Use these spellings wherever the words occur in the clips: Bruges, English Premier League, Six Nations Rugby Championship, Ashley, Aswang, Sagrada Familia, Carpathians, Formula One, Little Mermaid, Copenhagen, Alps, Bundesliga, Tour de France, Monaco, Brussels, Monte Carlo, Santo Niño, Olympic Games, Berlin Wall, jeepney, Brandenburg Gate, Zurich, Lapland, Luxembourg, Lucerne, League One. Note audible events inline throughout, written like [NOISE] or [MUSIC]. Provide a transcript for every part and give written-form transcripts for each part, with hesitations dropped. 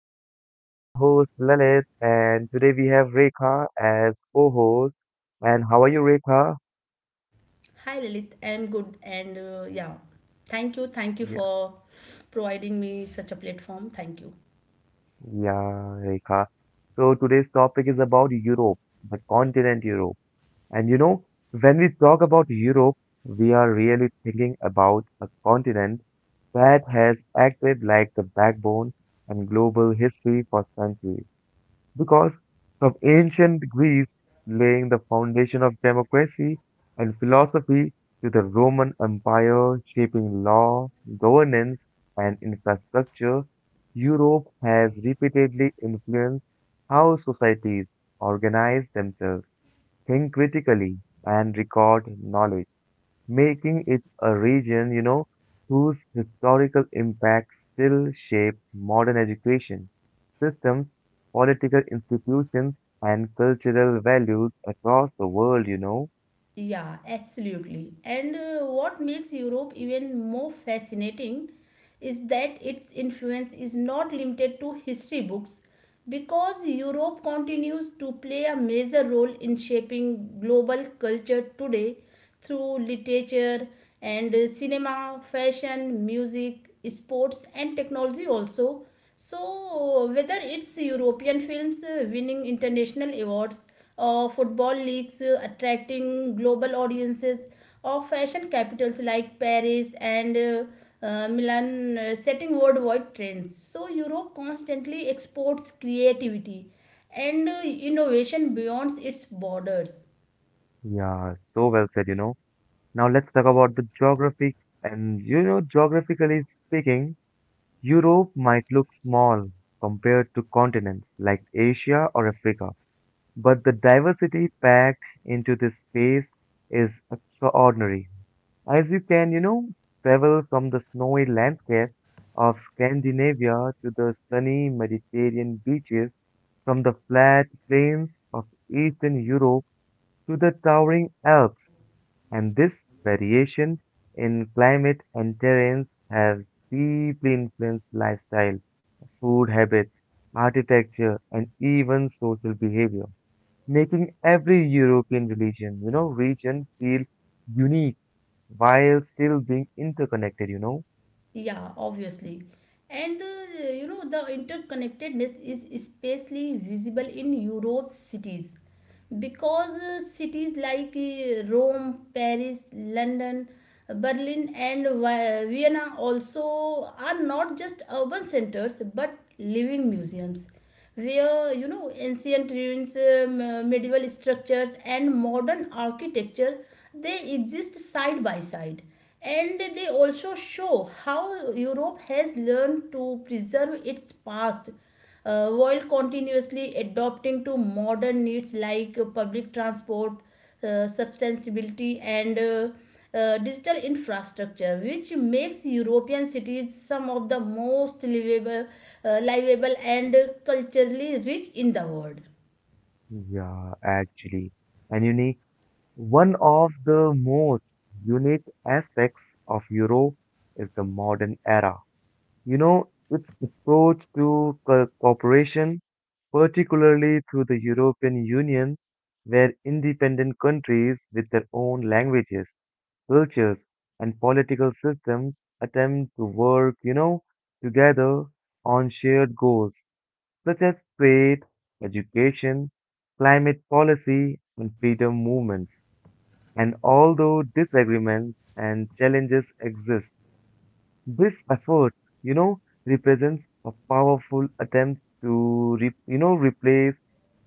you? I am your host, Lalit, and today we have Rekha as co-host. And how are you, Rekha? Hi Lilith, I'm good and thank you Yeah, for providing me such a platform. Thank you. yeah, Rekha. So today's topic is about Europe, the continent Europe. And when we talk about Europe, we are really thinking about a continent that has acted like the backbone and global history for centuries. Because from ancient Greece laying the foundation of democracy and philosophy to the Roman Empire shaping law, governance, and infrastructure, Europe has repeatedly influenced how societies organize themselves, think critically, and record knowledge making it a region, whose historical impact still shapes modern education systems, political institutions, and cultural values across the world. Yeah, absolutely. And what makes Europe even more fascinating is that its influence is not limited to history books because Europe continues to play a major role in shaping global culture today through literature and cinema, fashion, music, sports, and technology also. So, whether it's European films winning international awards, or football leagues attracting global audiences, or fashion capitals like Paris and Milan setting worldwide trends. So, Europe constantly exports creativity and innovation beyond its borders. Yeah, so well said. Now let's talk about the geography. And geographically speaking, Europe might look small compared to continents like Asia or Africa, but the diversity packed into this space is extraordinary. As you can travel from the snowy landscapes of Scandinavia to the sunny Mediterranean beaches, from the flat plains of Eastern Europe to the towering Alps. And this variation in climate and terrains has deeply influenced lifestyle, food habits, architecture, and even social behavior, making every European region feel unique while still being interconnected? Yeah, obviously. And the interconnectedness is especially visible in Europe's cities because cities like Rome, Paris, London, Berlin, and Vienna also are not just urban centers but living museums where you know ancient ruins, medieval structures, and modern architecture they exist side by side, and they also show how Europe has learned to preserve its past while continuously adapting to modern needs like public transport, sustainability, and digital infrastructure which makes European cities some of the most livable livable and culturally rich in the world. Yeah, actually. And unique, one of the most unique aspects of Europe is the modern era. Its approach to cooperation, particularly through the European Union, where independent countries with their own languages, cultures, and political systems attempt to work together on shared goals such as trade, education, climate policy, and freedom movements. And although disagreements and challenges exist, this effort, you know, represents a powerful attempt to replace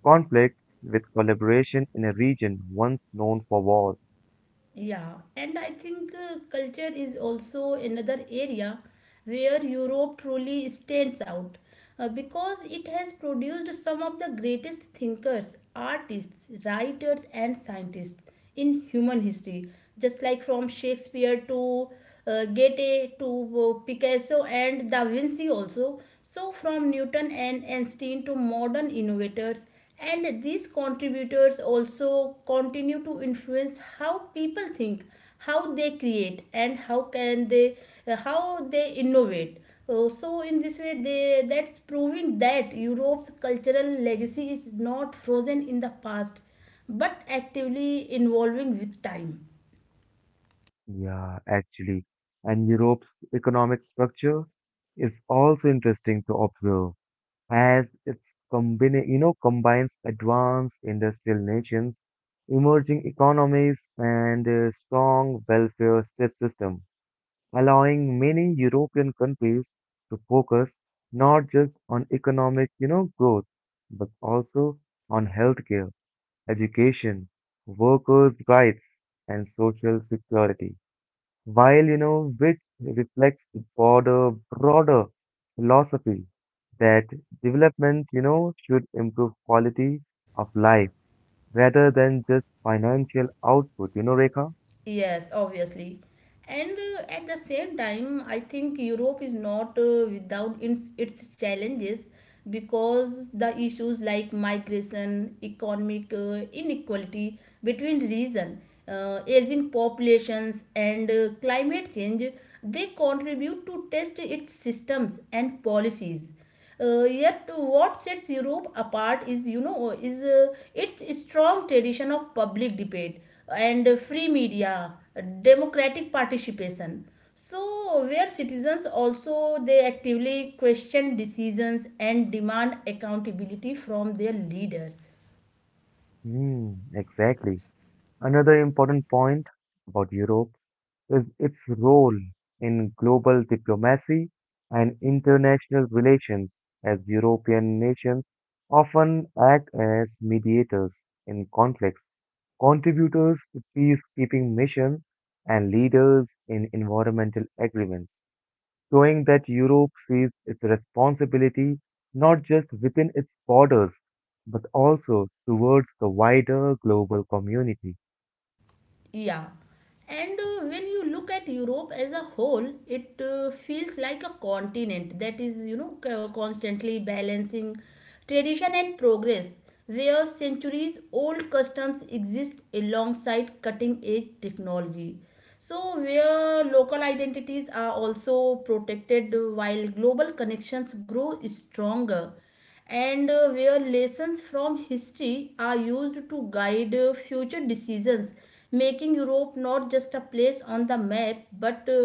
conflict with collaboration in a region once known for wars. Yeah, and I think culture is also another area where Europe truly stands out because it has produced some of the greatest thinkers, artists, writers, and scientists in human history, just like from Shakespeare to Goethe to Picasso and Da Vinci, also. So, from Newton and Einstein to modern innovators and these contributors also continue to influence how people think, how they create, and how can they how they innovate. So in this way they that's proving that Europe's cultural legacy is not frozen in the past but actively evolving with time. Yeah, actually. And Europe's economic structure is also interesting to observe. As its combines advanced industrial nations, emerging economies, and a strong welfare state system, allowing many European countries to focus not just on economic growth but also on healthcare, education, workers' rights, and social security while you know which reflects the broader philosophy that development should improve quality of life rather than just financial output, Rekha. Yes, obviously. And at the same time, I think Europe is not without its challenges because the issues like migration, economic inequality between region, aging populations, and climate change, they contribute to test its systems and policies. Yet what sets Europe apart is its strong tradition of public debate and free media, democratic participation. So where citizens also they actively question decisions and demand accountability from their leaders. Hmm, exactly. Another important point about Europe is its role in global diplomacy and international relations as European nations often act as mediators in conflicts, contributors to peacekeeping missions, and leaders in environmental agreements, showing that Europe sees its responsibility not just within its borders, but also towards the wider global community. Yeah, and when you look at Europe as a whole, it feels like a continent that is, you know, constantly balancing tradition and progress, where centuries old customs exist alongside cutting edge technology. So, where local identities are also protected while global connections grow stronger and where lessons from history are used to guide future decisions, making Europe not just a place on the map but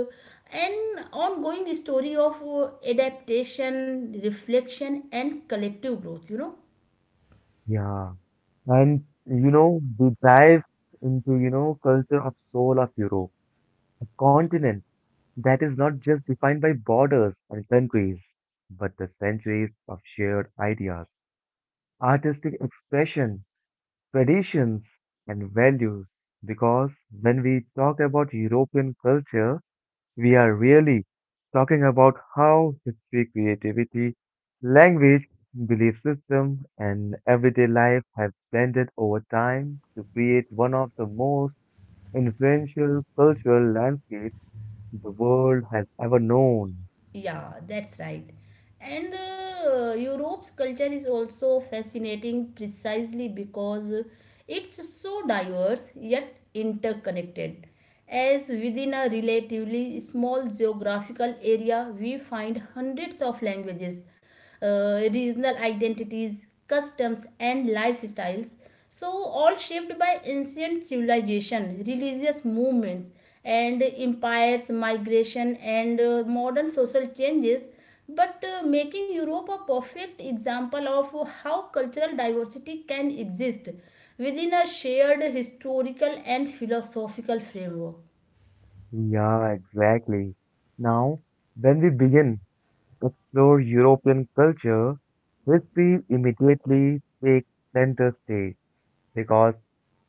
an ongoing story of adaptation, reflection, and collective growth, you know. Yeah. And we dive into culture of soul of Europe, a continent that is not just defined by borders and countries, but the centuries of shared ideas, artistic expression, traditions and values because when we talk about European culture, we are really talking about how history, creativity, language, belief system, and everyday life have blended over time to create one of the most influential cultural landscapes the world has ever known. Yeah, that's right. And Europe's culture is also fascinating precisely because it's so diverse yet interconnected. As within a relatively small geographical area, we find hundreds of languages, regional identities, customs, and lifestyles. So, all shaped by ancient civilization, religious movements, and empires, migration, and modern social changes, but making Europe a perfect example of how cultural diversity can exist within a shared historical and philosophical framework. Yeah, exactly. Now, when we begin explore European culture, history immediately takes center stage because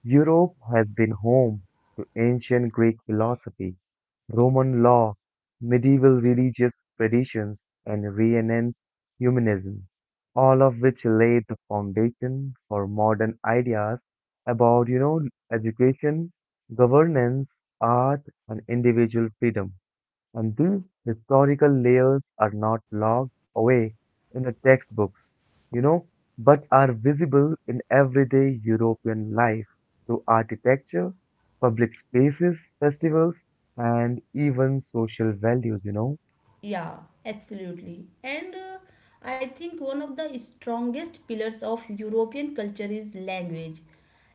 Europe has been home to ancient Greek philosophy, Roman law, medieval religious traditions, and Renaissance humanism, all of which laid the foundation for modern ideas about education, governance, art, and individual freedom and these historical layers are not locked away in the textbooks, you know, but are visible in everyday European life through architecture, public spaces, festivals, and even social values. Yeah, absolutely. And I think one of the strongest pillars of European culture is language.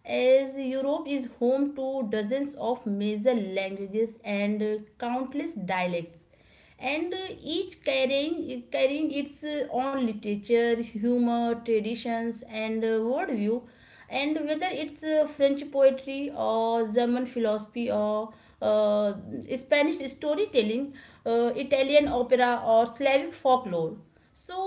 As Europe is home to dozens of major languages and countless dialects, and each carrying its own literature, humor, traditions, and worldview, and whether it's French poetry or German philosophy or uh, Spanish storytelling, Italian opera or Slavic folklore. So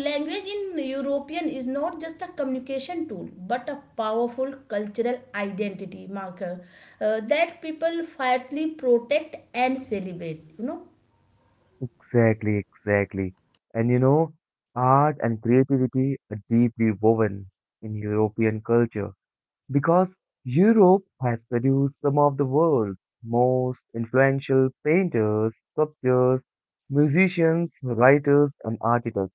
language in European is not just a communication tool but a powerful cultural identity marker that people fiercely protect and celebrate, you know. Exactly, exactly. And art and creativity are deeply woven in European culture because Europe has produced some of the world's most influential painters, sculptors, musicians, writers, and architects.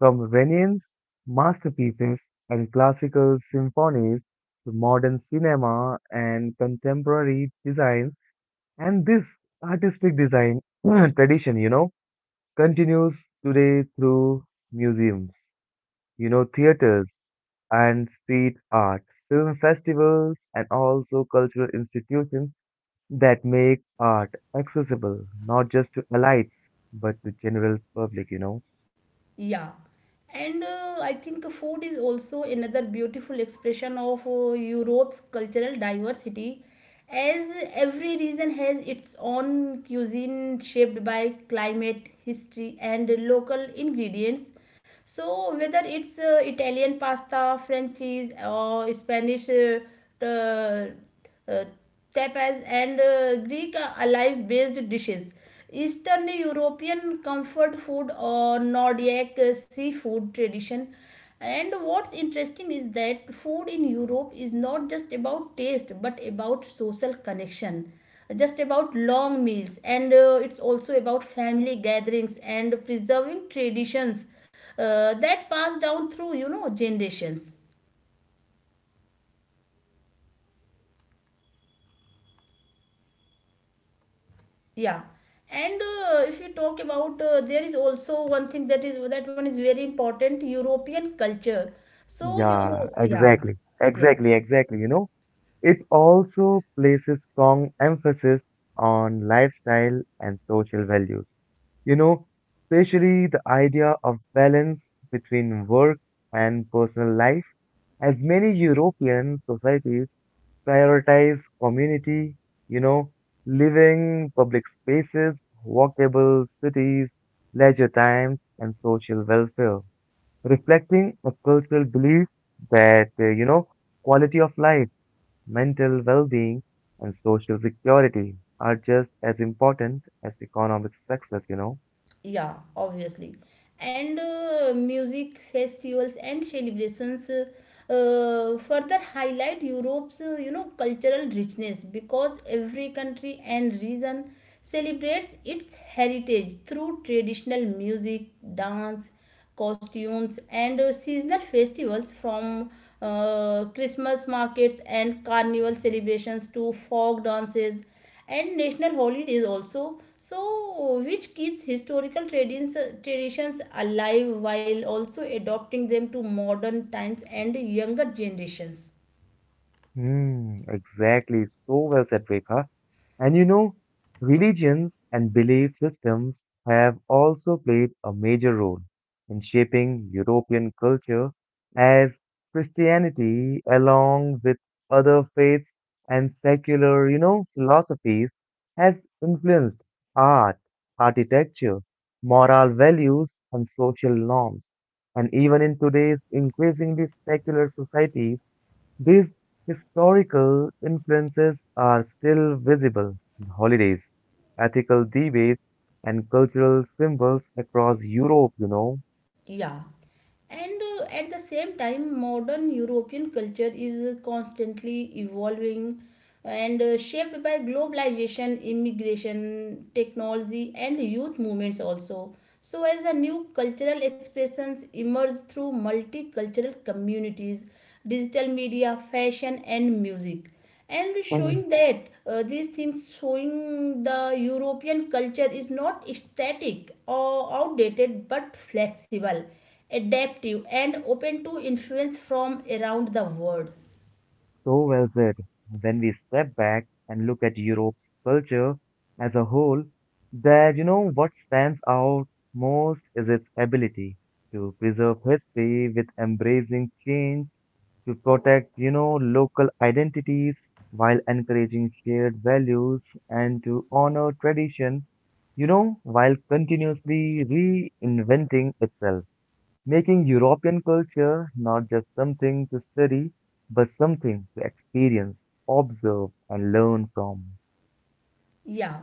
From Renaissance masterpieces and classical symphonies to modern cinema and contemporary designs, and this artistic design [CLEARS THROAT] tradition continues today through museums, theaters and street art, film festivals, and also cultural institutions that make art accessible, not just to elites, but to general public. Yeah, and I think food is also another beautiful expression of Europe's cultural diversity, as every region has its own cuisine shaped by climate, history, and local ingredients. So whether it's Italian pasta, French cheese, or Spanish t- uh, tapas and Greek alive based dishes. Eastern European comfort food or Nordic seafood tradition. And what's interesting is that food in Europe is not just about taste but about social connection, just about long meals, and it's also about family gatherings and preserving traditions that pass down through you know generations. Yeah, and if you talk about there is also one thing that is that one is very important European culture, so Yeah, euro yeah exactly. yeah Exactly, exactly. It also places strong emphasis on lifestyle and social values. You know, especially the idea of balance between work and personal life, as many European societies prioritize community, you know, living public spaces, walkable cities, leisure times, and social welfare, reflecting a cultural belief that quality of life, mental well being, and social security are just as important as economic success. yeah, obviously. And music festivals and celebrations further highlight Europe's you know cultural richness because every country and region celebrates its heritage through traditional music, dance, costumes, and seasonal festivals from Christmas markets and carnival celebrations to folk dances and national holidays also. So, which keeps historical traditions alive while also adopting them to modern times and younger generations. Hmm, exactly. So well said, Rekha. And religions and belief systems have also played a major role in shaping European culture as Christianity, along with other faiths and secular philosophies, has influenced art, architecture, moral values, and social norms. And even in today's increasingly secular societies, these historical influences are still visible in holidays, ethical debates, and cultural symbols across Europe. Yeah. And at the same time, modern European culture is constantly evolving and shaped by globalization, immigration, technology, and youth movements also. So, as the new cultural expressions emerge through multicultural communities, digital media, fashion, and music, and Mm. showing that these things showing the European culture is not static or outdated but flexible, adaptive, and open to influence from around the world. So well said. When we step back and look at Europe's culture as a whole, that you know what stands out most is its ability to preserve history with embracing change to protect local identities while encouraging shared values and to honor tradition, while continuously reinventing itself, making European culture not just something to study, but something to experience, observe, and learn from. Yeah,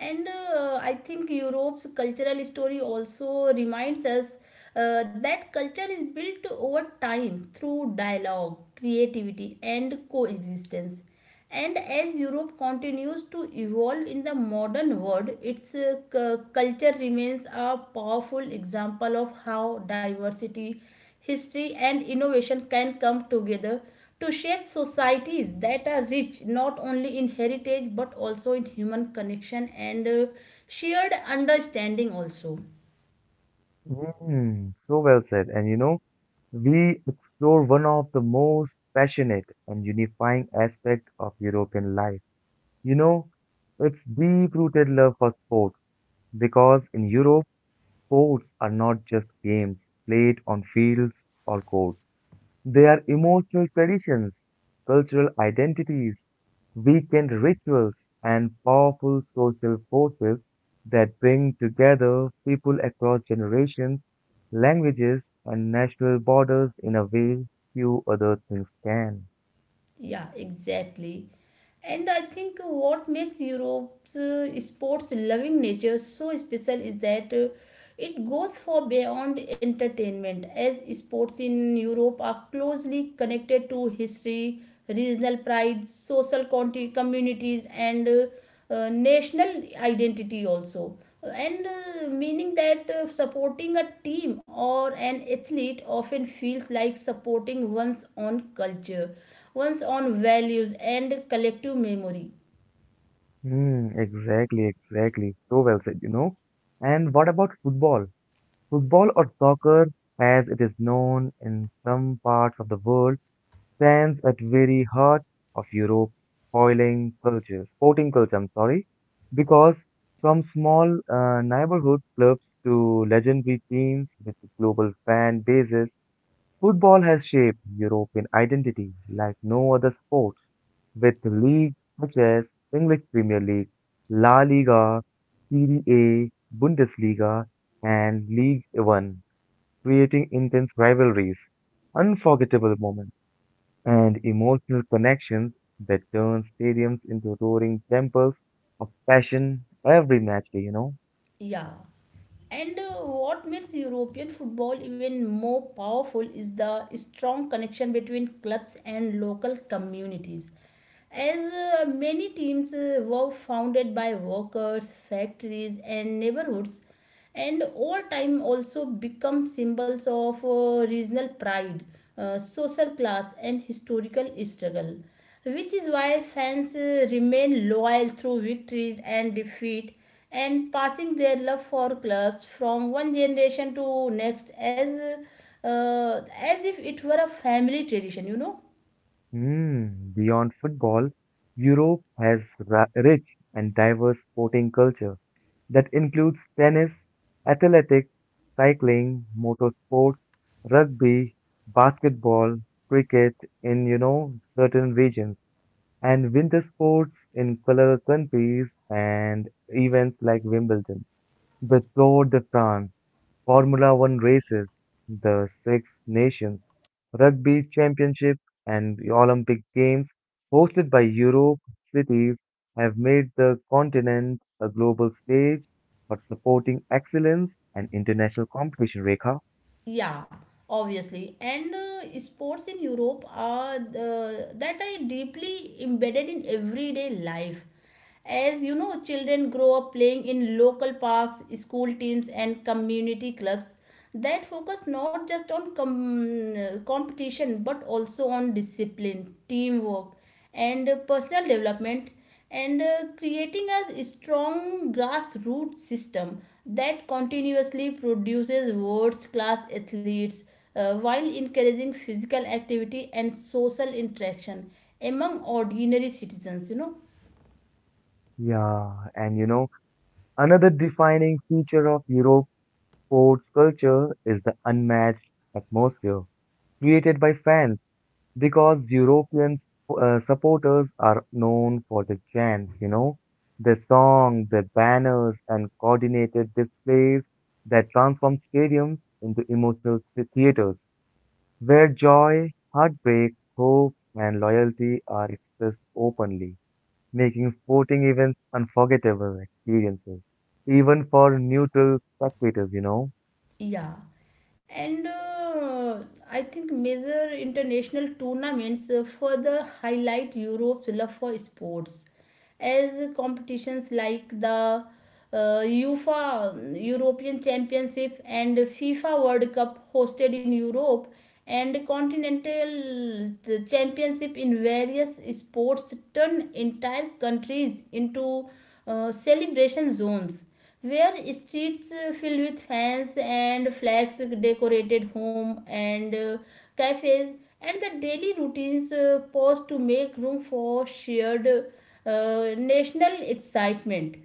and I think Europe's cultural story also reminds us that culture is built over time through dialogue, creativity, and coexistence. And as Europe continues to evolve in the modern world, its culture remains a powerful example of how diversity, history, and innovation can come together to shape societies that are rich not only in heritage but also in human connection and shared understanding also. Mm, so well said. And we explore one of the most passionate and unifying aspects of European life You know, it's deep rooted love for sports because in Europe, sports are not just games played on fields or courts. They are emotional traditions, cultural identities, weekend rituals, and powerful social forces that bring together people across generations, languages, and national borders in a way few other things can. Yeah, exactly. And I think what makes Europe's sports loving nature so special is that it goes far beyond entertainment, as sports in Europe are closely connected to history, regional pride, social communities, and national identity also. And meaning that supporting a team or an athlete often feels like supporting one's own culture, one's own values, and collective memory. Mm, exactly, exactly. So well said. And what about football? Football or soccer, as it is known in some parts of the world, stands at very heart of Europe's sporting culture, I'm sorry, because from small neighborhood clubs to legendary teams with global fan bases, football has shaped European identity like no other sports, with leagues such as English Premier League, La Liga, Serie A, Bundesliga, and League One, creating intense rivalries, unforgettable moments, and emotional connections that turn stadiums into roaring temples of passion every match day. Yeah, and what makes European football even more powerful is the strong connection between clubs and local communities. As many teams were founded by workers, factories, and neighborhoods, and over time also become symbols of regional pride, social class, and historical struggle, which is why fans remain loyal through victories and defeat and passing their love for clubs from one generation to next, as if it were a family tradition, you know. Hmm, beyond football, Europe has rich and diverse sporting culture that includes tennis, athletics, cycling, motorsports, rugby, basketball, cricket in certain regions, and winter sports in color countries and events like Wimbledon. The Tour de France, Formula One races, the Six Nations Rugby Championship, and the Olympic Games hosted by Europe cities have made the continent a global stage for supporting excellence and international competition, Rekha. Yeah, obviously. And sports in Europe are that are deeply embedded in everyday life. As you know, children grow up playing in local parks, school teams, and community clubs that focus not just on competition but also on discipline, teamwork, and personal development, and creating a strong grassroots system that continuously produces world-class athletes while encouraging physical activity and social interaction among ordinary citizens, you know. Yeah, and another defining feature of Europe's sports culture is the unmatched atmosphere created by fans because European supporters are known for the chants, their songs, their banners, and coordinated displays that transform stadiums into emotional theaters where joy, heartbreak, hope, and loyalty are expressed openly, making sporting events unforgettable experiences, even for neutral spectators. Yeah, and I think major international tournaments further highlight Europe's love for sports, as competitions like the UEFA European Championship and FIFA World Cup hosted in Europe and continental championship in various sports turn entire countries into celebration zones where streets filled with fans and flags decorated home and cafes and the daily routines pause to make room for shared national excitement.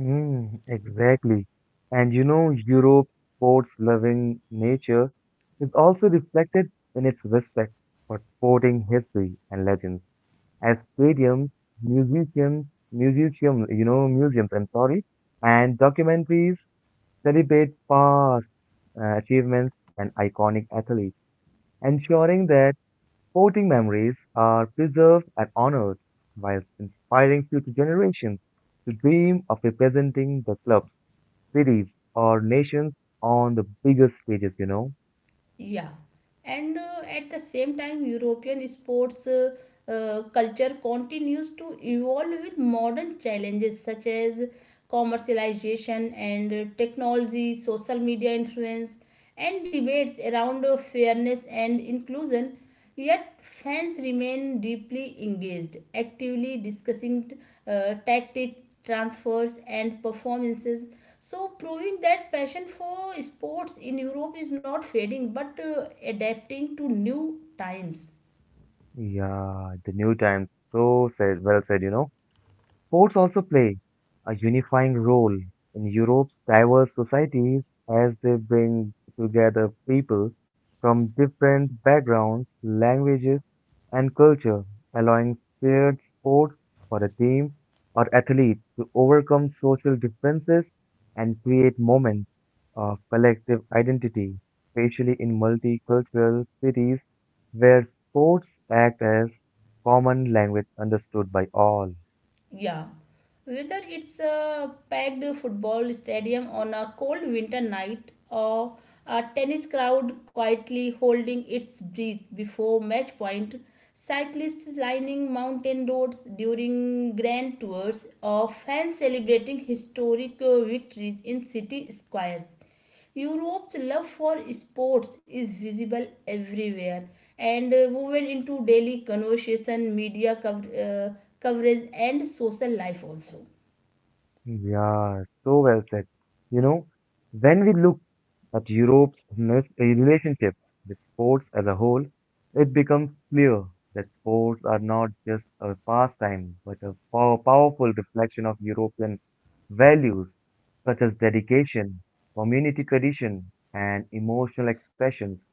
Mm, exactly. And Europe's sports-loving nature is also reflected in its respect for sporting history and legends. As stadiums, musicians, museums, I'm sorry, and documentaries celebrate past achievements and iconic athletes, ensuring that sporting memories are preserved and honored, while inspiring future generations to dream of representing the clubs, cities, or nations on the biggest stages. Yeah, and at the same time, European sports culture continues to evolve with modern challenges such as commercialization and technology, social media influence, and debates around fairness and inclusion. Yet fans remain deeply engaged, actively discussing tactics, transfers, and performances. So, proving that passion for sports in Europe is not fading but adapting to new times. Yeah, the new times, so said, well said. Sports also play a unifying role in Europe's diverse societies as they bring together people from different backgrounds, languages, and culture, allowing shared sports for a team or athlete to overcome social differences and create moments of collective identity, especially in multicultural cities where sports act as common language understood by all. Yeah, whether it's a packed football stadium on a cold winter night, or a tennis crowd quietly holding its breath before match point, cyclists lining mountain roads during grand tours, or fans celebrating historic victories in city squares. Europe's love for sports is visible everywhere, and woven into daily conversation, media coverage, and social life also. Yeah, so well said. You know, when we look at Europe's relationship with sports as a whole, it becomes clear that sports are not just a pastime, but a powerful reflection of European values such as dedication, community tradition, and emotional expressions,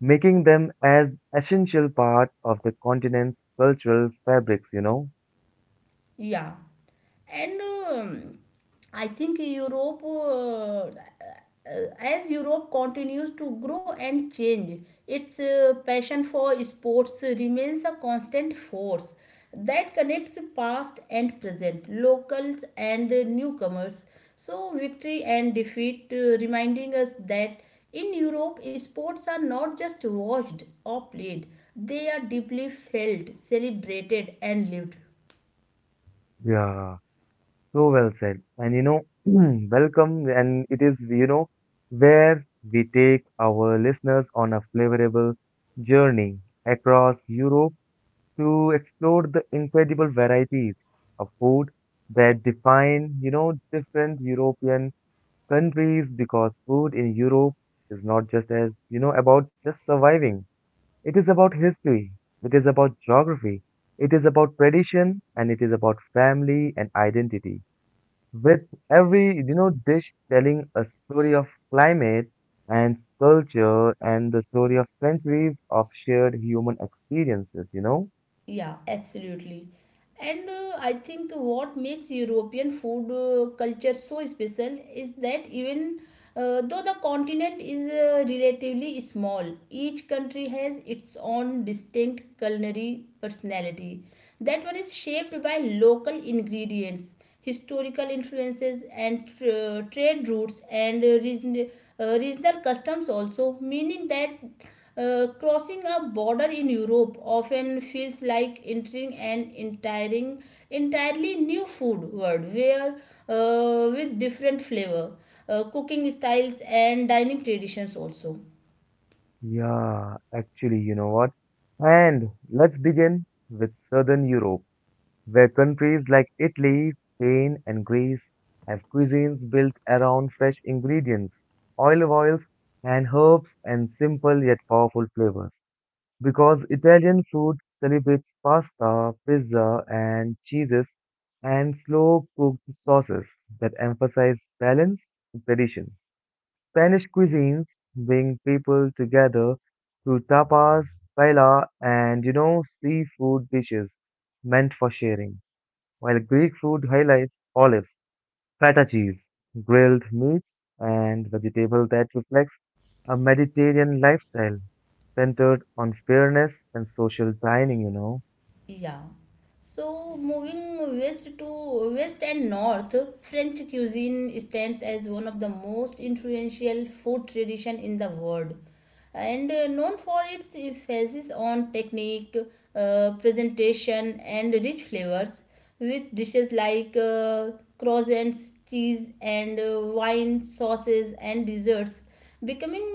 making them as essential part of the continent's cultural fabrics? Yeah, and I think as Europe continues to grow and change, its passion for sports remains a constant force that connects past and present, locals and newcomers. So, victory and defeat reminding us that in Europe, sports are not just watched or played, they are deeply felt, celebrated, and lived. Yeah. So well said. And [CLEARS THROAT] welcome. And it is where we take our listeners on a flavorable journey across Europe to explore the incredible varieties of food that define different European countries because food in Europe is not just as about just surviving. It is about history. It is about geography. It is about tradition and it is about family and identity with every dish telling a story of climate and culture and the story of centuries of shared human experiences. Yeah, absolutely. And I think what makes European food culture so special is that even though the continent is relatively small, each country has its own distinct culinary personality. That one is shaped by local ingredients, historical influences, and trade routes and regional customs, also, meaning that crossing a border in Europe often feels like entering an entirely new food world where with different flavor, cooking styles and dining traditions also. Yeah, actually, you know what, and let's begin with Southern Europe where countries like Italy, Spain and Greece have cuisines built around fresh ingredients, olive oils and herbs, and simple yet powerful flavors because Italian food celebrates pasta, pizza, and cheeses, and slow cooked sauces that emphasize balance and tradition. Spanish cuisines bring people together through tapas, paella, and seafood dishes meant for sharing, while Greek food highlights olives feta cheese, grilled meats, and vegetable that reflects a Mediterranean lifestyle centered on fairness and social dining. Yeah. So moving west and north, French cuisine stands as one of the most influential food tradition in the world, and known for its emphasis on technique, presentation, and rich flavors with dishes like croissants, cheese, and wine, sauces, and desserts becoming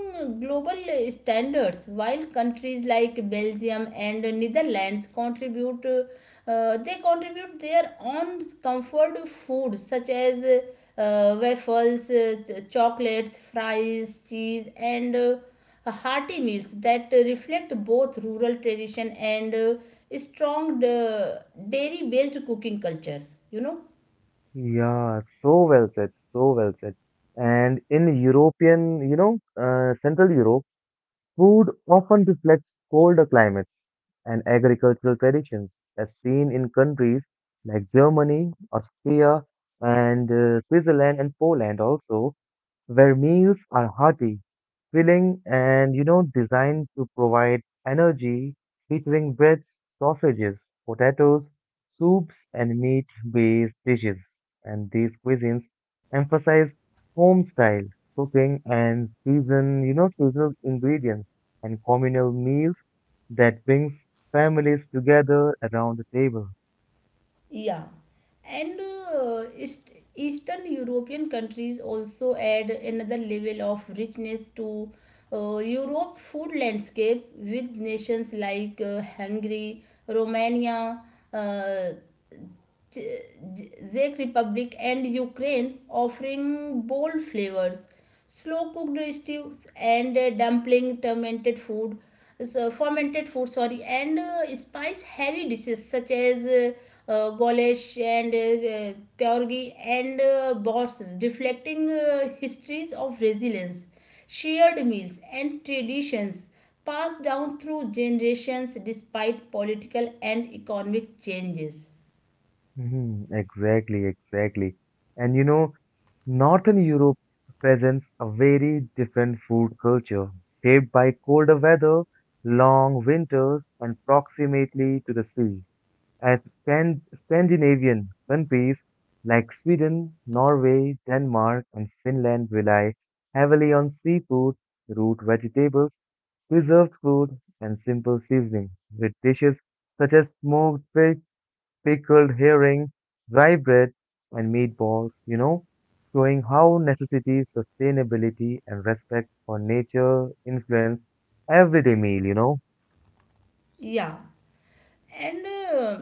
global standards, while countries like Belgium and Netherlands contribute they contribute their own comfort food such as waffles, chocolates, fries, cheese, and hearty meals that reflect both rural tradition and strong dairy based cooking cultures you know Yeah, so well said, so well said. And in European, Central Europe, food often reflects colder climates and agricultural traditions, as seen in countries like Germany, Austria, and Switzerland and Poland also, where meals are hearty, filling, and designed to provide energy, featuring breads, sausages, potatoes, soups, and meat based dishes. And these cuisines emphasize home style cooking and seasonal ingredients and communal meals that brings families together around the table. yeah. And eastern European countries also add another level of richness to Europe's food landscape, with nations like Hungary, Romania, uh, Czech Republic, and Ukraine, offering bold flavors, slow cooked stews and dumpling, fermented food, so fermented food, sorry, and spice heavy dishes such as goulash and pierogi and bots, reflecting histories of resilience, shared meals, and traditions passed down through generations despite political and economic changes. Mhm, exactly, exactly. And Northern Europe presents a very different food culture, shaped by colder weather, long winters, and proximity to the sea. As Scandinavian countries like Sweden, Norway, Denmark, and Finland rely heavily on seafood, root vegetables, preserved food, and simple seasoning, with dishes such as smoked fish pickled herring, dry bread, and meatballs, showing how necessity, sustainability, and respect for nature influence everyday meal. Yeah, and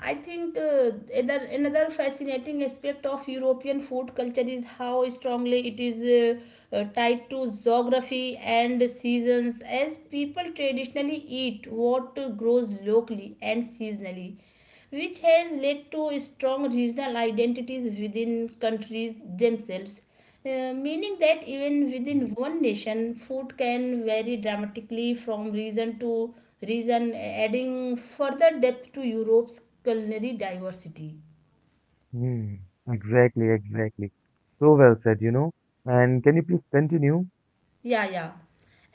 I think another fascinating aspect of European food culture is how strongly it is tied to geography and seasons, as people traditionally eat what grows locally and seasonally, which has led to strong regional identities within countries themselves. Meaning that even within one nation, food can vary dramatically from region to region, adding further depth to Europe's culinary diversity. Hmm, exactly, exactly. So well said. And can you please continue? Yeah, yeah.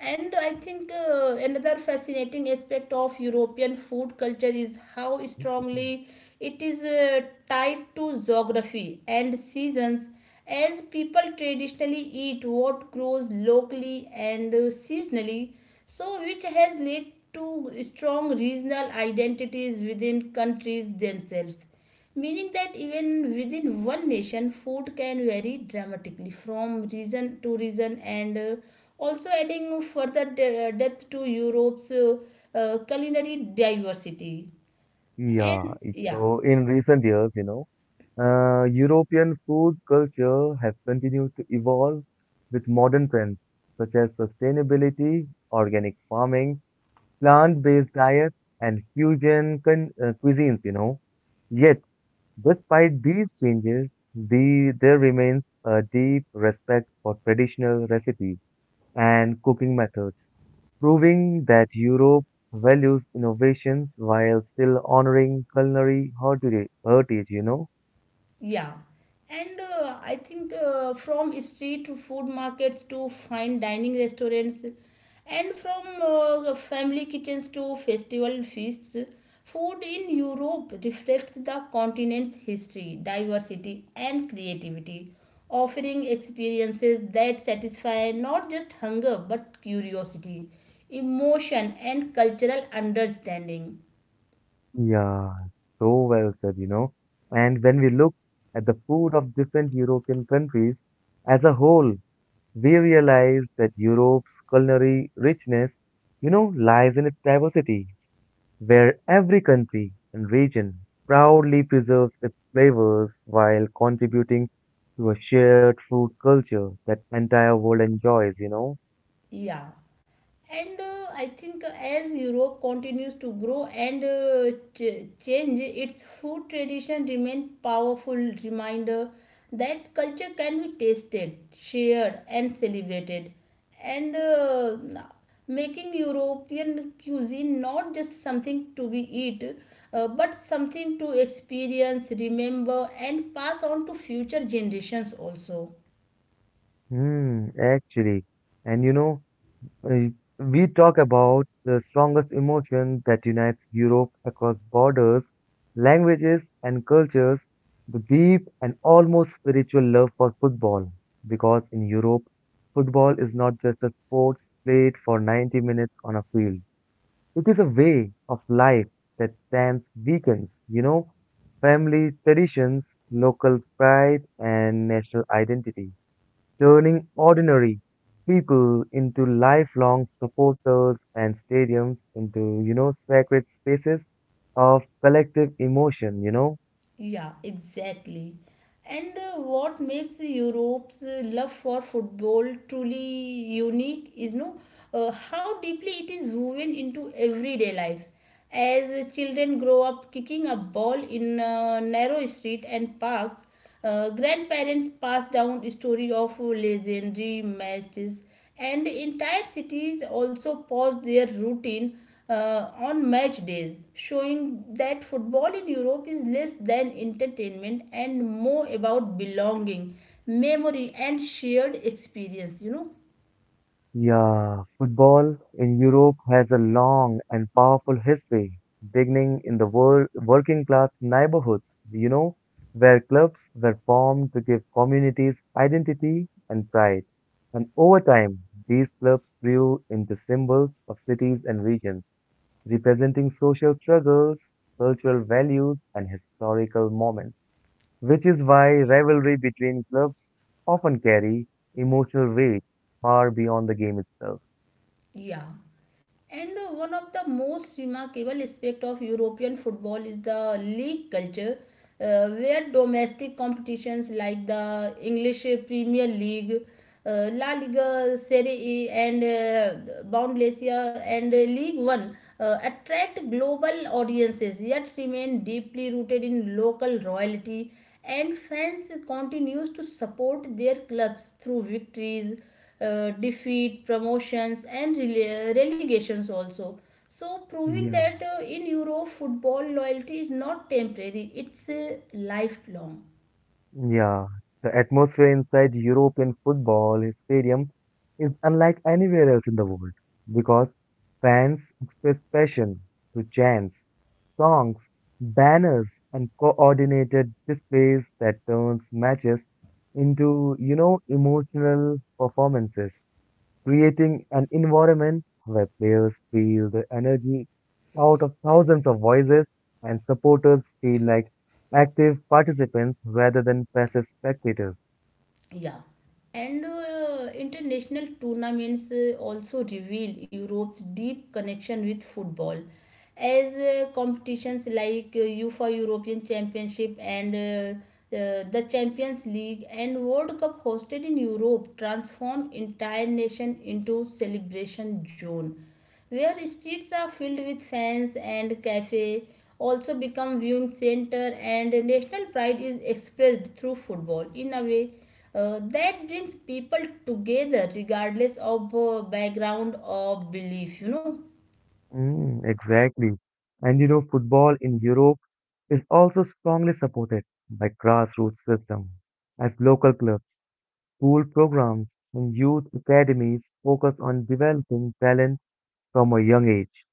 And I think another fascinating aspect of European food culture is how Mm. strongly it is tied to geography and seasons, as people traditionally eat what grows locally and seasonally, so which has led to strong regional identities within countries themselves, meaning that even within one nation food can vary dramatically from region to region, and also adding further depth to Europe's culinary diversity. Yeah, and yeah so in recent years, European food culture has continued to evolve with modern trends such as sustainability, organic farming, plant-based diets, and fusion cuisines, you know. Yet, despite these changes, there remains a deep respect for traditional recipes and cooking methods, proving that Europe values innovations while still honoring culinary heritage? Yeah, and I think from street food markets to fine dining restaurants, and from family kitchens to festival feasts, food in Europe reflects the continent's history, diversity, and creativity, offering experiences that satisfy not just hunger but curiosity, emotion, and cultural understanding. Yeah, so well said. And when we look at the food of different European countries as a whole, we realize that Europe's culinary richness lies in its diversity, where every country and region proudly preserves its flavors while contributing to a shared food culture that entire world enjoys. Yeah. And I think as Europe continues to grow and change, its food tradition remain powerful reminder that culture can be tasted, shared, and celebrated, and making European cuisine not just something to be eat, but something to experience, remember, and pass on to future generations also. Hmm, actually. And Uh, we talk about the strongest emotion that unites Europe across borders, languages, and cultures, the deep and almost spiritual love for football. Because in Europe, football is not just a sport played for 90 minutes on a field. It is a way of life that spans weekends, family traditions, local pride, and national identity turning ordinary people into lifelong supporters and stadiums into sacred spaces of collective emotion. Yeah, exactly. And what makes Europe's love for football truly unique is no how deeply it is woven into everyday life. As children grow up kicking a ball in narrow street and parks, grandparents pass down story of legendary matches, and entire cities also pause their routine on match days, showing that football in Europe is less than entertainment and more about belonging, memory, and shared experience. Yeah, football in Europe has a long and powerful history, beginning in the working class neighborhoods, where clubs were formed to give communities identity and pride. And over time, these clubs grew into symbols of cities and regions representing social struggles, cultural values, and historical moments, which is why rivalry between clubs often carry emotional weight far beyond the game itself. Yeah. And one of the most remarkable aspect of European football is the league culture, where domestic competitions like the English Premier League, La Liga, Serie A, and Bundesliga and League One attract global audiences, yet remain deeply rooted in local royalty, and fans continues to support their clubs through victories, defeat, promotions, and relegations also. So, proving Yeah. that in Europe, football loyalty is not temporary, it's lifelong. Yeah, the atmosphere inside European football stadium is unlike anywhere else in the world because fans express passion through chants, songs, banners, and coordinated displays that turns matches into emotional performances, creating an environment where players feel the energy out of thousands of voices and supporters feel like active participants rather than passive spectators. Yeah, and international tournaments also reveal Europe's deep connection with football, as competitions like UEFA European Championship and the Champions League and World Cup hosted in Europe transform entire nation into celebration zone, where streets are filled with fans and cafes also become viewing center, and national pride is expressed through football in a way that brings people together regardless of background or belief. Mm, exactly. And football in Europe is also strongly supported by grassroots system as local clubs school programs and youth academies focus on developing talent from a young age,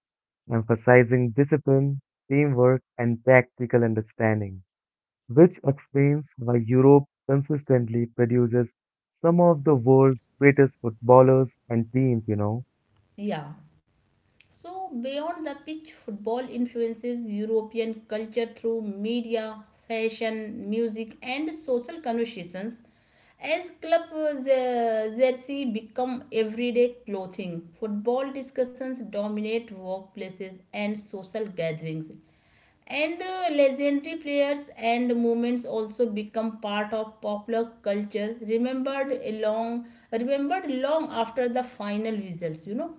emphasizing discipline, teamwork, and tactical understanding, which explains why Europe consistently produces some of the world's greatest footballers and teams. Yeah. So, beyond the pitch, football influences European culture through media, fashion, music, and social conversations. As club jersey become everyday clothing, football discussions dominate workplaces and social gatherings. And legendary players and movements also become part of popular culture, remembered long after the final results.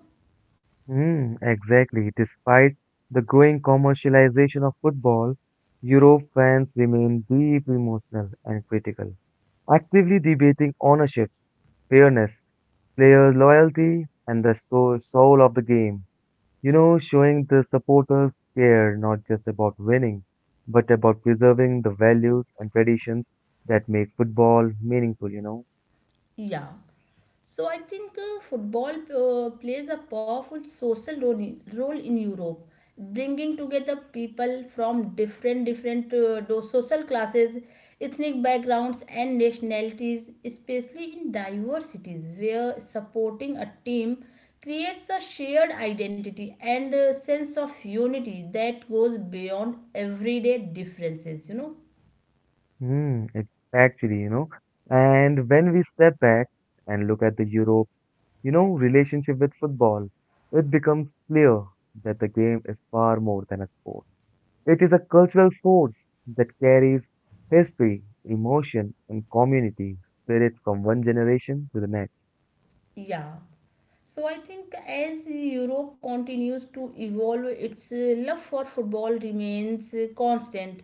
Mm, exactly. Despite the growing commercialization of football, Europe fans remain deeply emotional and critical, actively debating ownerships, fairness, player loyalty and the soul of the game. Showing the supporters care not just about winning, but about preserving the values and traditions that make football meaningful. Yeah. So I think football plays a powerful social role in Europe, bringing together people from different social classes, ethnic backgrounds, and nationalities, especially in diverse cities where supporting a team creates a shared identity and a sense of unity that goes beyond everyday differences. Hmm, it's actually. And when we step back and look at the Europe's relationship with football, it becomes clear that the game is far more than a sport. It is a cultural force that carries history, emotion, and community spirit from one generation to the next. Yeah. So I think as Europe continues to evolve, its love for football remains constant,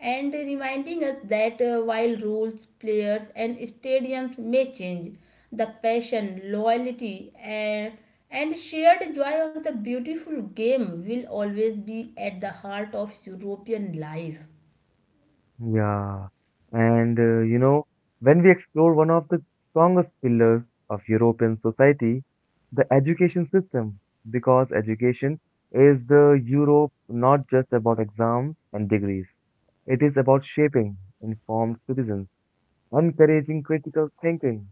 and reminding us that while rules, players, and stadiums may change, the passion, loyalty, and shared joy of the beautiful game will always be at the heart of European life. Yeah, and when we explore one of the strongest pillars of European society, the education system, because education is the Europe not just about exams and degrees. It is about shaping informed citizens, encouraging critical thinking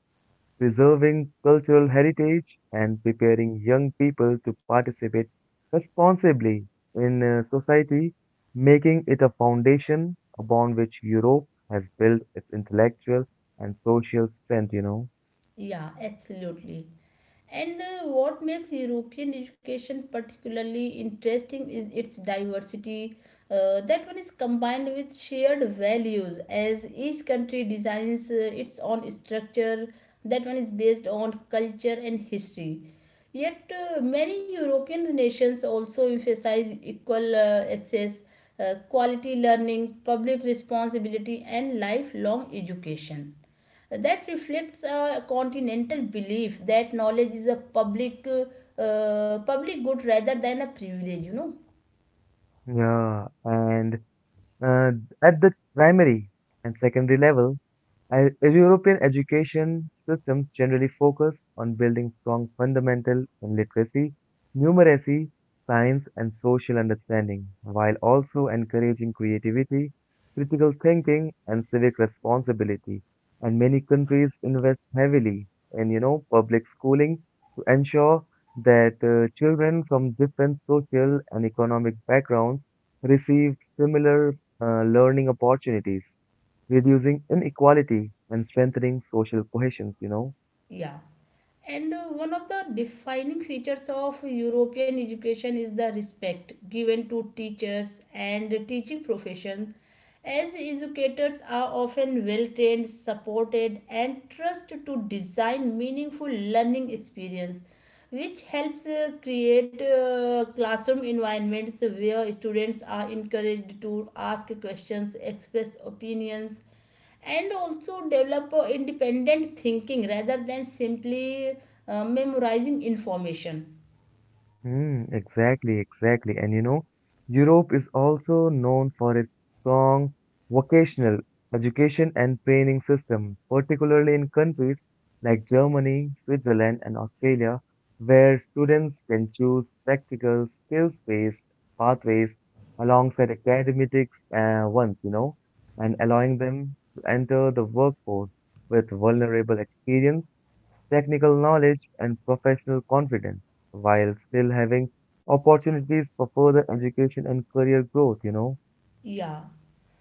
preserving cultural heritage and preparing young people to participate responsibly in society, making it a foundation upon which Europe has built its intellectual and social strength. Yeah, absolutely. And what makes European education particularly interesting is its diversity. That one is combined with shared values, as each country designs its own structure. That one is based on culture and history. Yet, many European nations also emphasize equal access, quality learning, public responsibility, and lifelong education that reflects a continental belief that knowledge is a public good rather than a privilege. Yeah, and uh, at the primary and secondary level, as European education systems generally focus on building strong fundamental in literacy, numeracy, science, and social understanding, while also encouraging creativity, critical thinking, and civic responsibility. And many countries invest heavily in public schooling to ensure that children from different social and economic backgrounds receive similar learning opportunities reducing inequality and strengthening social cohesion. Yeah. And one of the defining features of European education is the respect given to teachers and teaching profession, as educators are often well trained, supported, and trusted to design meaningful learning experience, which helps create classroom environments where students are encouraged to ask questions, express opinions, and also develop independent thinking rather than simply memorizing information. Mm, exactly, exactly. And Europe is also known for its strong vocational education and training system, particularly in countries like Germany, Switzerland, and Australia, where students can choose practical skills-based pathways alongside academic ones, and allowing them to enter the workforce with vulnerable experience technical knowledge, and professional confidence while still having opportunities for further education and career growth. Yeah.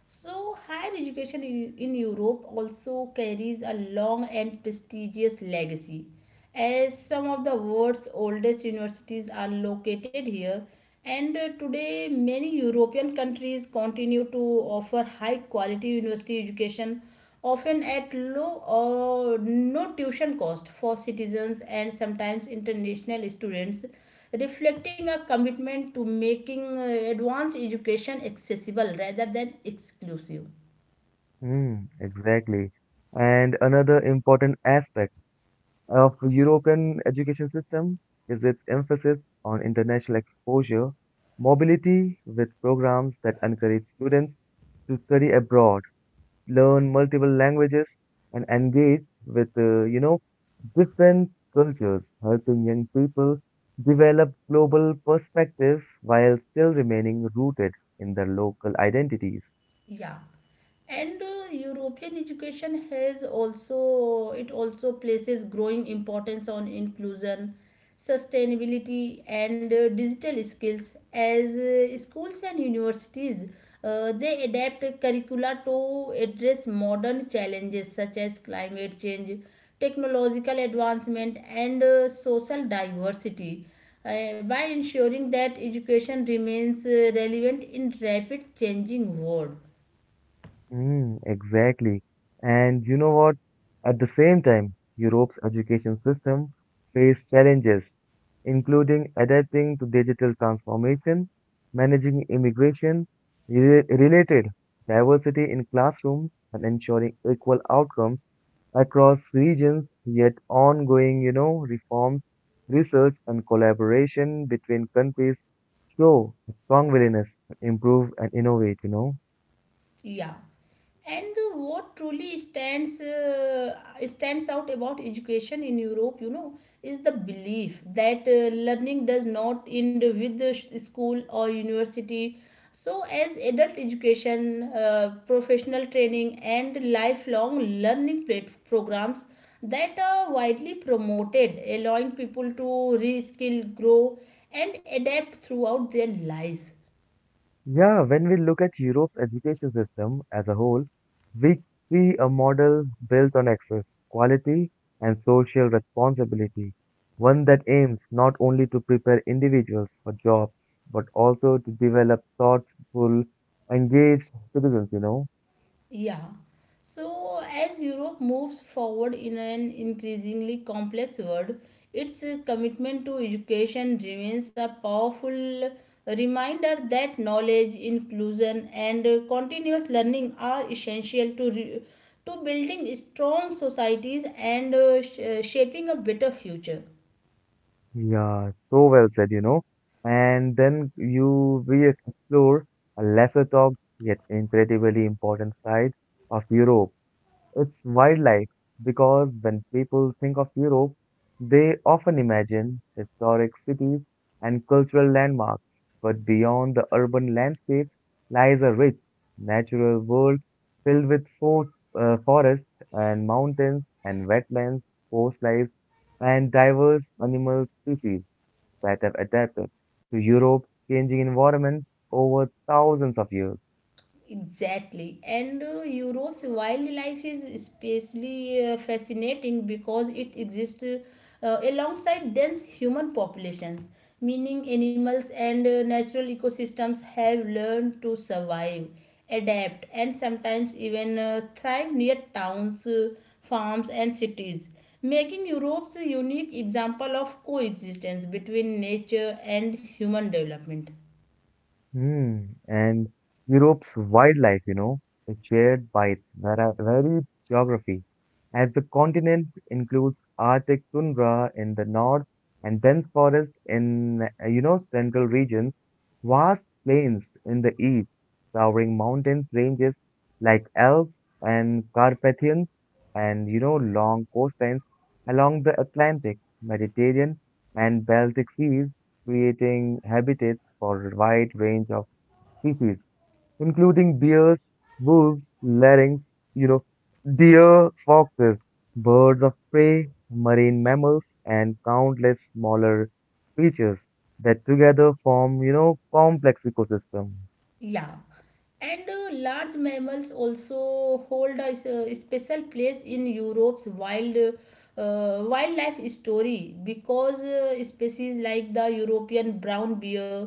So higher education in Europe also carries a long and prestigious legacy, as some of the world's oldest universities are located here. And today many European countries continue to offer high quality university education, often at low or no tuition cost for citizens and sometimes international students, reflecting a commitment to making advanced education accessible rather than exclusive. Mm, exactly. And another important aspect of European education system is its emphasis on international exposure, mobility with programs that encourage students to study abroad learn multiple languages, and engage with different cultures, helping young people develop global perspectives while still remaining rooted in their local identities. Yeah. And European education it also places growing importance on inclusion, sustainability, and digital skills, as schools and universities, they adapt curricula to address modern challenges such as climate change, technological advancement, and social diversity, by ensuring that education remains relevant in rapid changing world. Mm, exactly. And you know what? At the same time, Europe's education system faced challenges, including adapting to digital transformation, managing immigration, related diversity in classrooms, and ensuring equal outcomes across regions, yet ongoing, reforms, research, and collaboration between countries show a strong willingness to improve and innovate. Yeah. And what truly stands out about education in Europe, is the belief that learning does not end with the school or university. So, as adult education, professional training, and lifelong learning programs that are widely promoted, allowing people to reskill, grow, and adapt throughout their lives. Yeah, when we look at Europe's education system as a whole, we see a model built on access, quality, and social responsibility. One that aims not only to prepare individuals for jobs, but also to develop thoughtful, engaged citizens? Yeah. So, as Europe moves forward in an increasingly complex world, its commitment to education remains a powerful reminder that knowledge, inclusion, and continuous learning are essential to building strong societies and shaping a better future. Yeah, so well said? And then we explore a lesser talked yet incredibly important side of Europe. It's wildlife because when people think of Europe, they often imagine historic cities and cultural landmarks. But beyond the urban landscape lies a rich natural world filled with forests and mountains and wetlands, coastlines, and diverse animal species that have adapted to Europe's changing environments over thousands of years. Exactly, and Europe's wildlife is especially fascinating because it exists alongside dense human populations, meaning animals and natural ecosystems have learned to survive, adapt, and sometimes even thrive near towns, farms, and cities, making Europe's a unique example of coexistence between nature and human development. Hmm. And Europe's wildlife is shared by its varied geography, as the continent includes Arctic tundra in the north and dense forest in central regions, vast plains in the east, towering mountains ranges like Alps and Carpathians, and long coastlines along the Atlantic, Mediterranean, and Baltic seas creating habitats for a wide range of species, including bears, wolves, larynx, you know, deer, foxes, birds of prey, marine mammals, and countless smaller creatures that together form complex ecosystem. Yeah, and large mammals also hold a special place in Europe's wildlife story, because species like the European brown bear,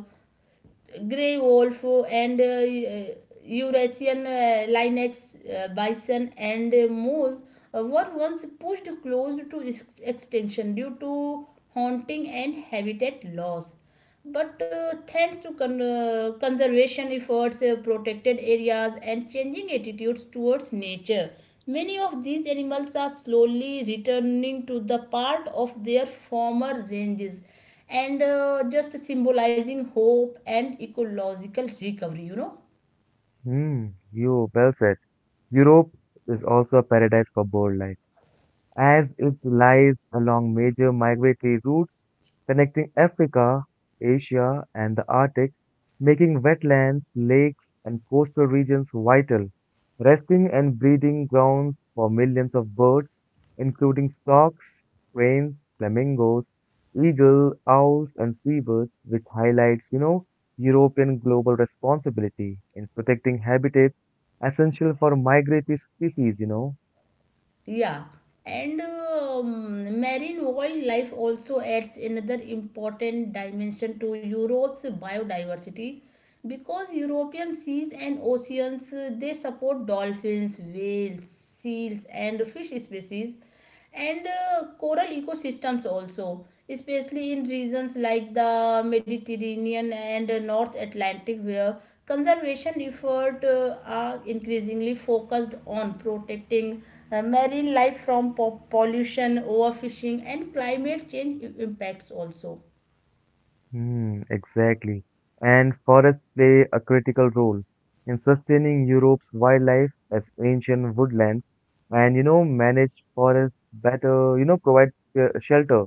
gray wolf, and Eurasian linex, bison, and moose were once pushed close to extinction due to hunting and habitat loss. But thanks to conservation efforts, protected areas, and changing attitudes towards nature, many of these animals are slowly returning to the part of their former ranges, and just symbolizing hope and ecological recovery. Hmm, you well said. Europe is also a paradise for bird life as it lies along major migratory routes connecting Africa, Asia, and the Arctic, making wetlands, lakes, and coastal regions vital, resting and breeding grounds for millions of birds, including storks, cranes, flamingos, eagle, owls, and seabirds, which highlights, European global responsibility in protecting habitats essential for migratory species. Yeah. And marine wildlife also adds another important dimension to Europe's biodiversity, because European seas and oceans, they support dolphins, whales, seals, and fish species, and coral ecosystems also, especially in regions like the Mediterranean and North Atlantic, where conservation efforts are increasingly focused on protecting marine life from pollution, overfishing, and climate change impacts also. Hmm, exactly. And forests play a critical role in sustaining Europe's wildlife as ancient woodlands and manage forests better, provide shelter,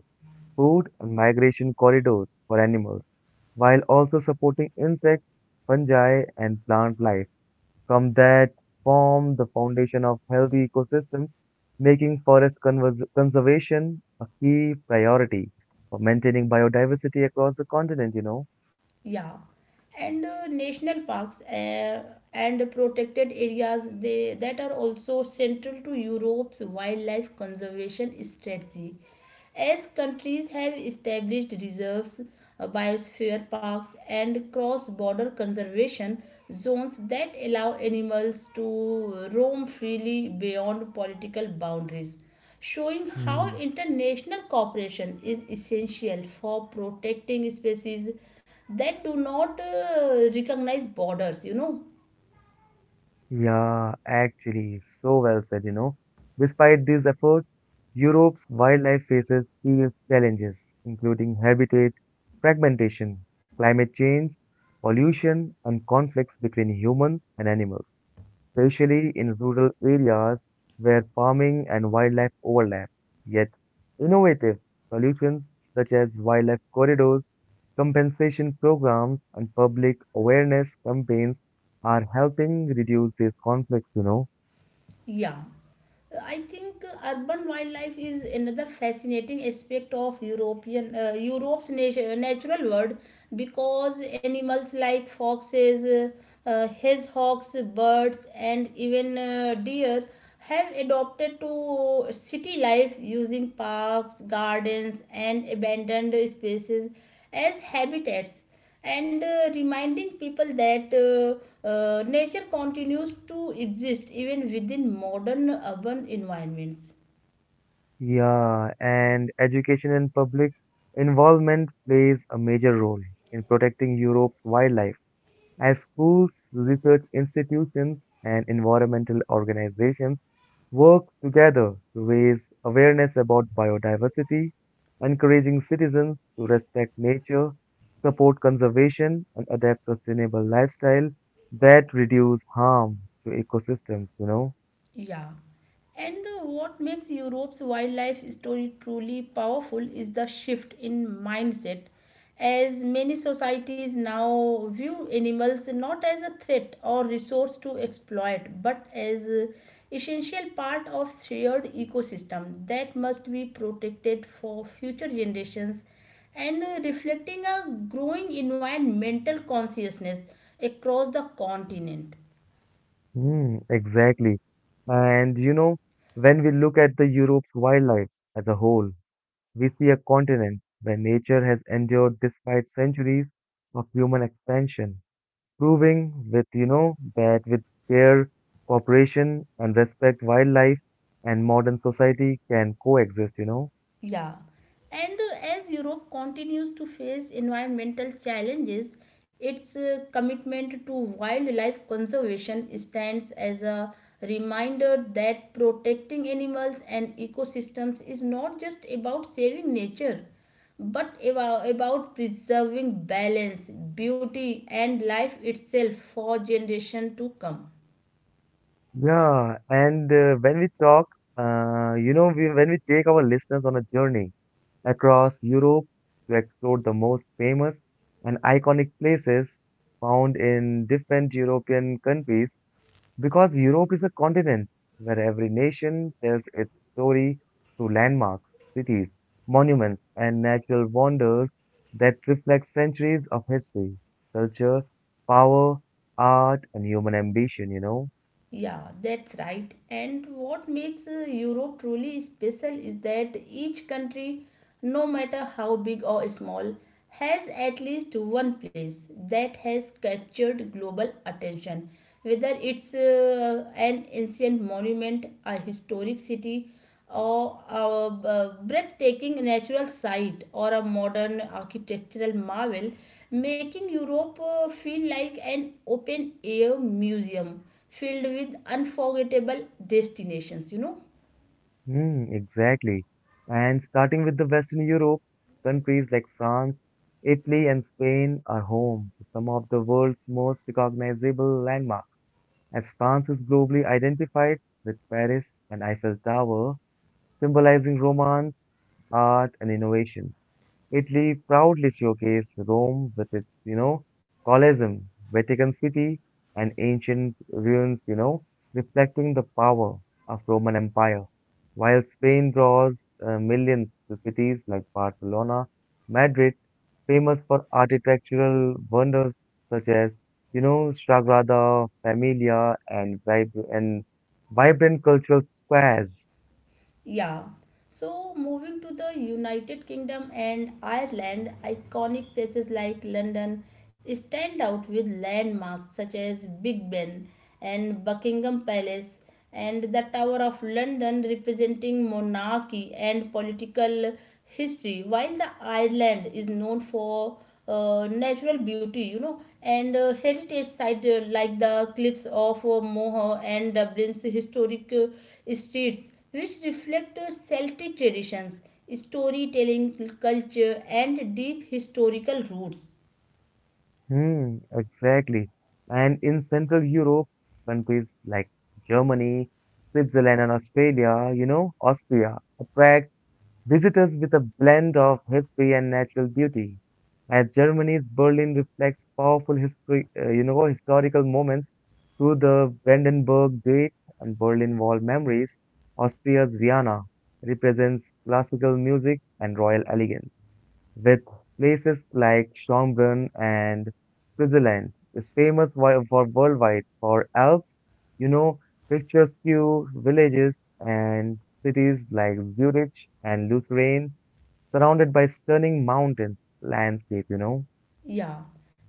food, and migration corridors for animals, while also supporting insects, fungi, and plant life from that form the foundation of healthy ecosystems, making forest conservation a key priority for maintaining biodiversity across the continent. Yeah, and national parks and protected areas, they that are also central to Europe's wildlife conservation strategy. As countries have established reserves, biosphere parks, and cross-border conservation zones that allow animals to roam freely beyond political boundaries, showing how Hmm. international cooperation is essential for protecting species that do not recognize borders. Yeah, actually, so well said. Despite these efforts, Europe's wildlife faces serious challenges, including habitat fragmentation, climate change, pollution, and conflicts between humans and animals, especially in rural areas where farming and wildlife overlap. Yet, innovative solutions such as wildlife corridors, compensation programs, and public awareness campaigns are helping reduce these conflicts. Yeah, I think urban wildlife is another fascinating aspect of European Europe's natural world, because animals like foxes, hedgehogs, birds, and even deer have adopted to city life, using parks, gardens, and abandoned spaces as habitats, and reminding people that nature continues to exist even within modern urban environments. Yeah, and education and public involvement plays a major role in protecting Europe's wildlife. As schools, research institutions, and environmental organizations work together to raise awareness about biodiversity, encouraging citizens to respect nature, support conservation, and adapt sustainable lifestyle that reduce harm to ecosystems. Yeah. And what makes Europe's wildlife story truly powerful is the shift in mindset, as many societies now view animals not as a threat or resource to exploit, but as essential part of shared ecosystem that must be protected for future generations, and reflecting a growing environmental consciousness across the continent. Hmm. Exactly. And when we look at the Europe's wildlife as a whole, we see a continent where nature has endured despite centuries of human expansion, proving with that with care, cooperation, and respect, wildlife and modern society can coexist. Yeah, and as Europe continues to face environmental challenges, its commitment to wildlife conservation stands as a reminder that protecting animals and ecosystems is not just about saving nature, but about preserving balance, beauty, and life itself for generations to come. Yeah, and when we talk, you know, we, when we take our listeners on a journey across Europe to explore the most famous and iconic places found in different European countries because Europe is a continent where every nation tells its story through landmarks, cities, monuments, and natural wonders that reflect centuries of history, culture, power, art, and human ambition. Yeah, that's right. And what makes Europe truly special is that each country, no matter how big or small, has at least one place that has captured global attention. Whether it's an ancient monument, a historic city, or a breathtaking natural sight, or a modern architectural marvel, making Europe feel like an open air museum filled with unforgettable destinations. Hmm. Exactly. And starting with the Western Europe, countries like France, Italy, and Spain are home to some of the world's most recognizable landmarks. As France is globally identified with Paris and Eiffel Tower, symbolizing romance, art, and innovation. Italy proudly showcased Rome with its Colosseum, Vatican City, and ancient ruins, reflecting the power of Roman Empire. While Spain draws millions to cities like Barcelona, Madrid, famous for architectural wonders such as Sagrada Familia and vibrant cultural squares. Yeah. So moving to the United Kingdom and Ireland, iconic places like London stand out with landmarks such as Big Ben and Buckingham Palace and the Tower of London, representing monarchy and political history, while the Ireland is known for natural beauty, and heritage sites like the cliffs of Moher and Dublin's historic streets, which reflect Celtic traditions, storytelling culture, and deep historical roots. Hmm, exactly. And in Central Europe, countries like Germany, Switzerland, and Australia, Austria, attract visitors with a blend of history and natural beauty. As Germany's Berlin reflects powerful historical moments through the Brandenburg Gate and Berlin Wall memories, Austria's Vienna represents classical music and royal elegance with places like Schönbrunn and Switzerland is famous for worldwide for Alps, you know, picturesque villages and cities like Zurich and Lucerne, surrounded by stunning mountains landscape. Yeah,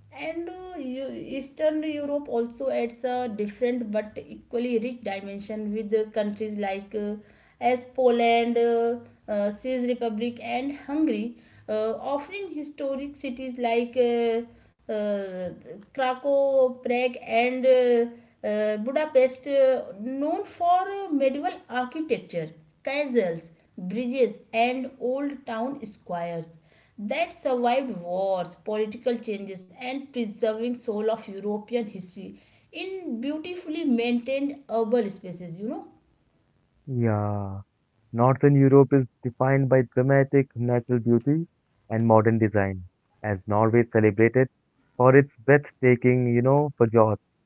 and Eastern Europe also adds a different but equally rich dimension with countries like as Poland, Czech Republic, and Hungary, offering historic cities like Krakow, Prague, and Budapest, known for medieval architecture, castles, bridges, and old town squares that survived wars, political changes, and preserving soul of European history in beautifully maintained urban spaces. Yeah, Northern Europe is defined by dramatic natural beauty and modern design, as Norway celebrated for its breathtaking fjords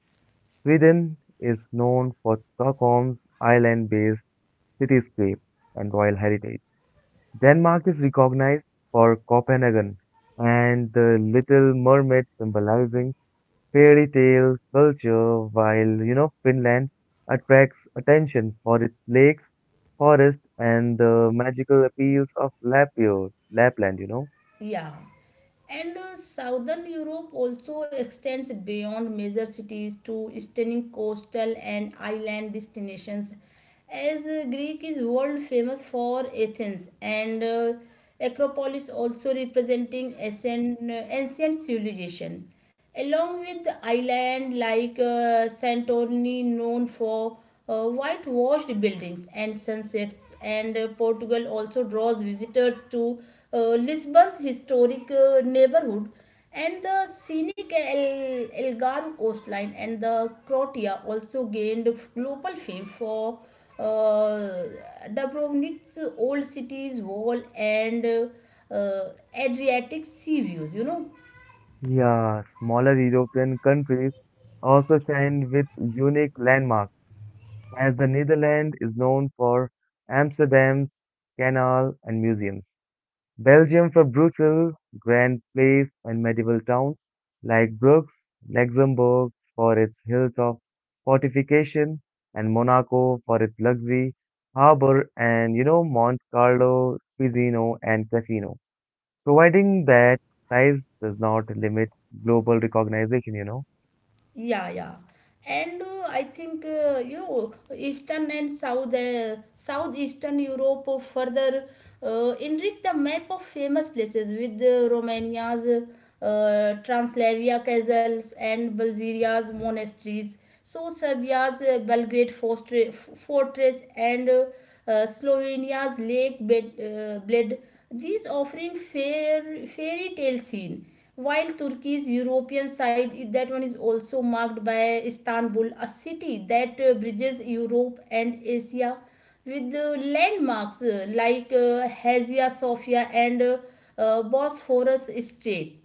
Sweden is known for Stockholm's island-based cityscape and royal heritage. Denmark is recognized for Copenhagen and the Little Mermaid symbolizing fairy tale culture, while Finland attracts attention for its lakes, forests, and the magical appeals of Lapland. Yeah. And Southern Europe also extends beyond major cities to stunning coastal and island destinations, as Greek is world famous for Athens and Acropolis, also representing ancient civilization, along with the island like Santorini known for whitewashed buildings and sunsets, and Portugal also draws visitors to uh, Lisbon's historic neighborhood and the scenic Elgar coastline, and the Croatia also gained global fame for uh, Dubrovnik's old city's wall and Adriatic sea views. Yeah, smaller European countries also shine with unique landmarks as the Netherlands is known for Amsterdam's canal and museums. Belgium for Brussels, grand place and medieval towns like Bruges, Luxembourg for its hills of fortification, and Monaco for its luxury, harbor, and Monte Carlo, Pisino, and Casino. Providing that size does not limit global recognition. Yeah, yeah. And I think Eastern and Southeastern Europe further enrich the map of famous places with Romania's Translavia castles and Bulgaria's monasteries. So Serbia's Belgrade fortress and Slovenia's Lake Bled, these offering fairy tale scene. While Turkey's European side, that one is also marked by Istanbul, a city that bridges Europe and Asia with landmarks like Hagia Sophia and Bosphorus Strait.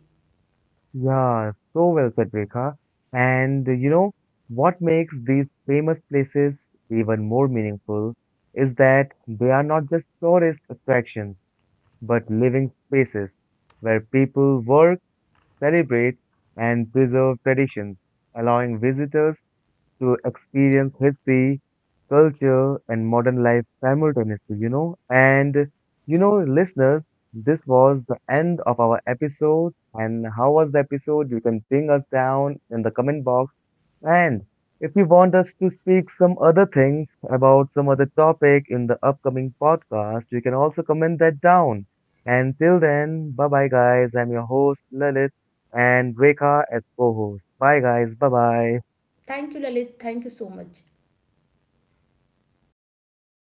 Yeah, so well said, Rekha. And what makes these famous places even more meaningful is that they are not just tourist attractions, but living spaces where people work, celebrate, and preserve traditions, allowing visitors to experience history, culture, and modern life simultaneously. And, listeners, this was the end of our episode. And how was the episode? You can ping us down in the comment box. And if you want us to speak some other things about some other topic in the upcoming podcast, you can also comment that down. And till then, bye bye, guys. I'm your host, Lalit, and Rekha as co host. Bye, guys. Bye bye. Thank you, Lalit. Thank you so much.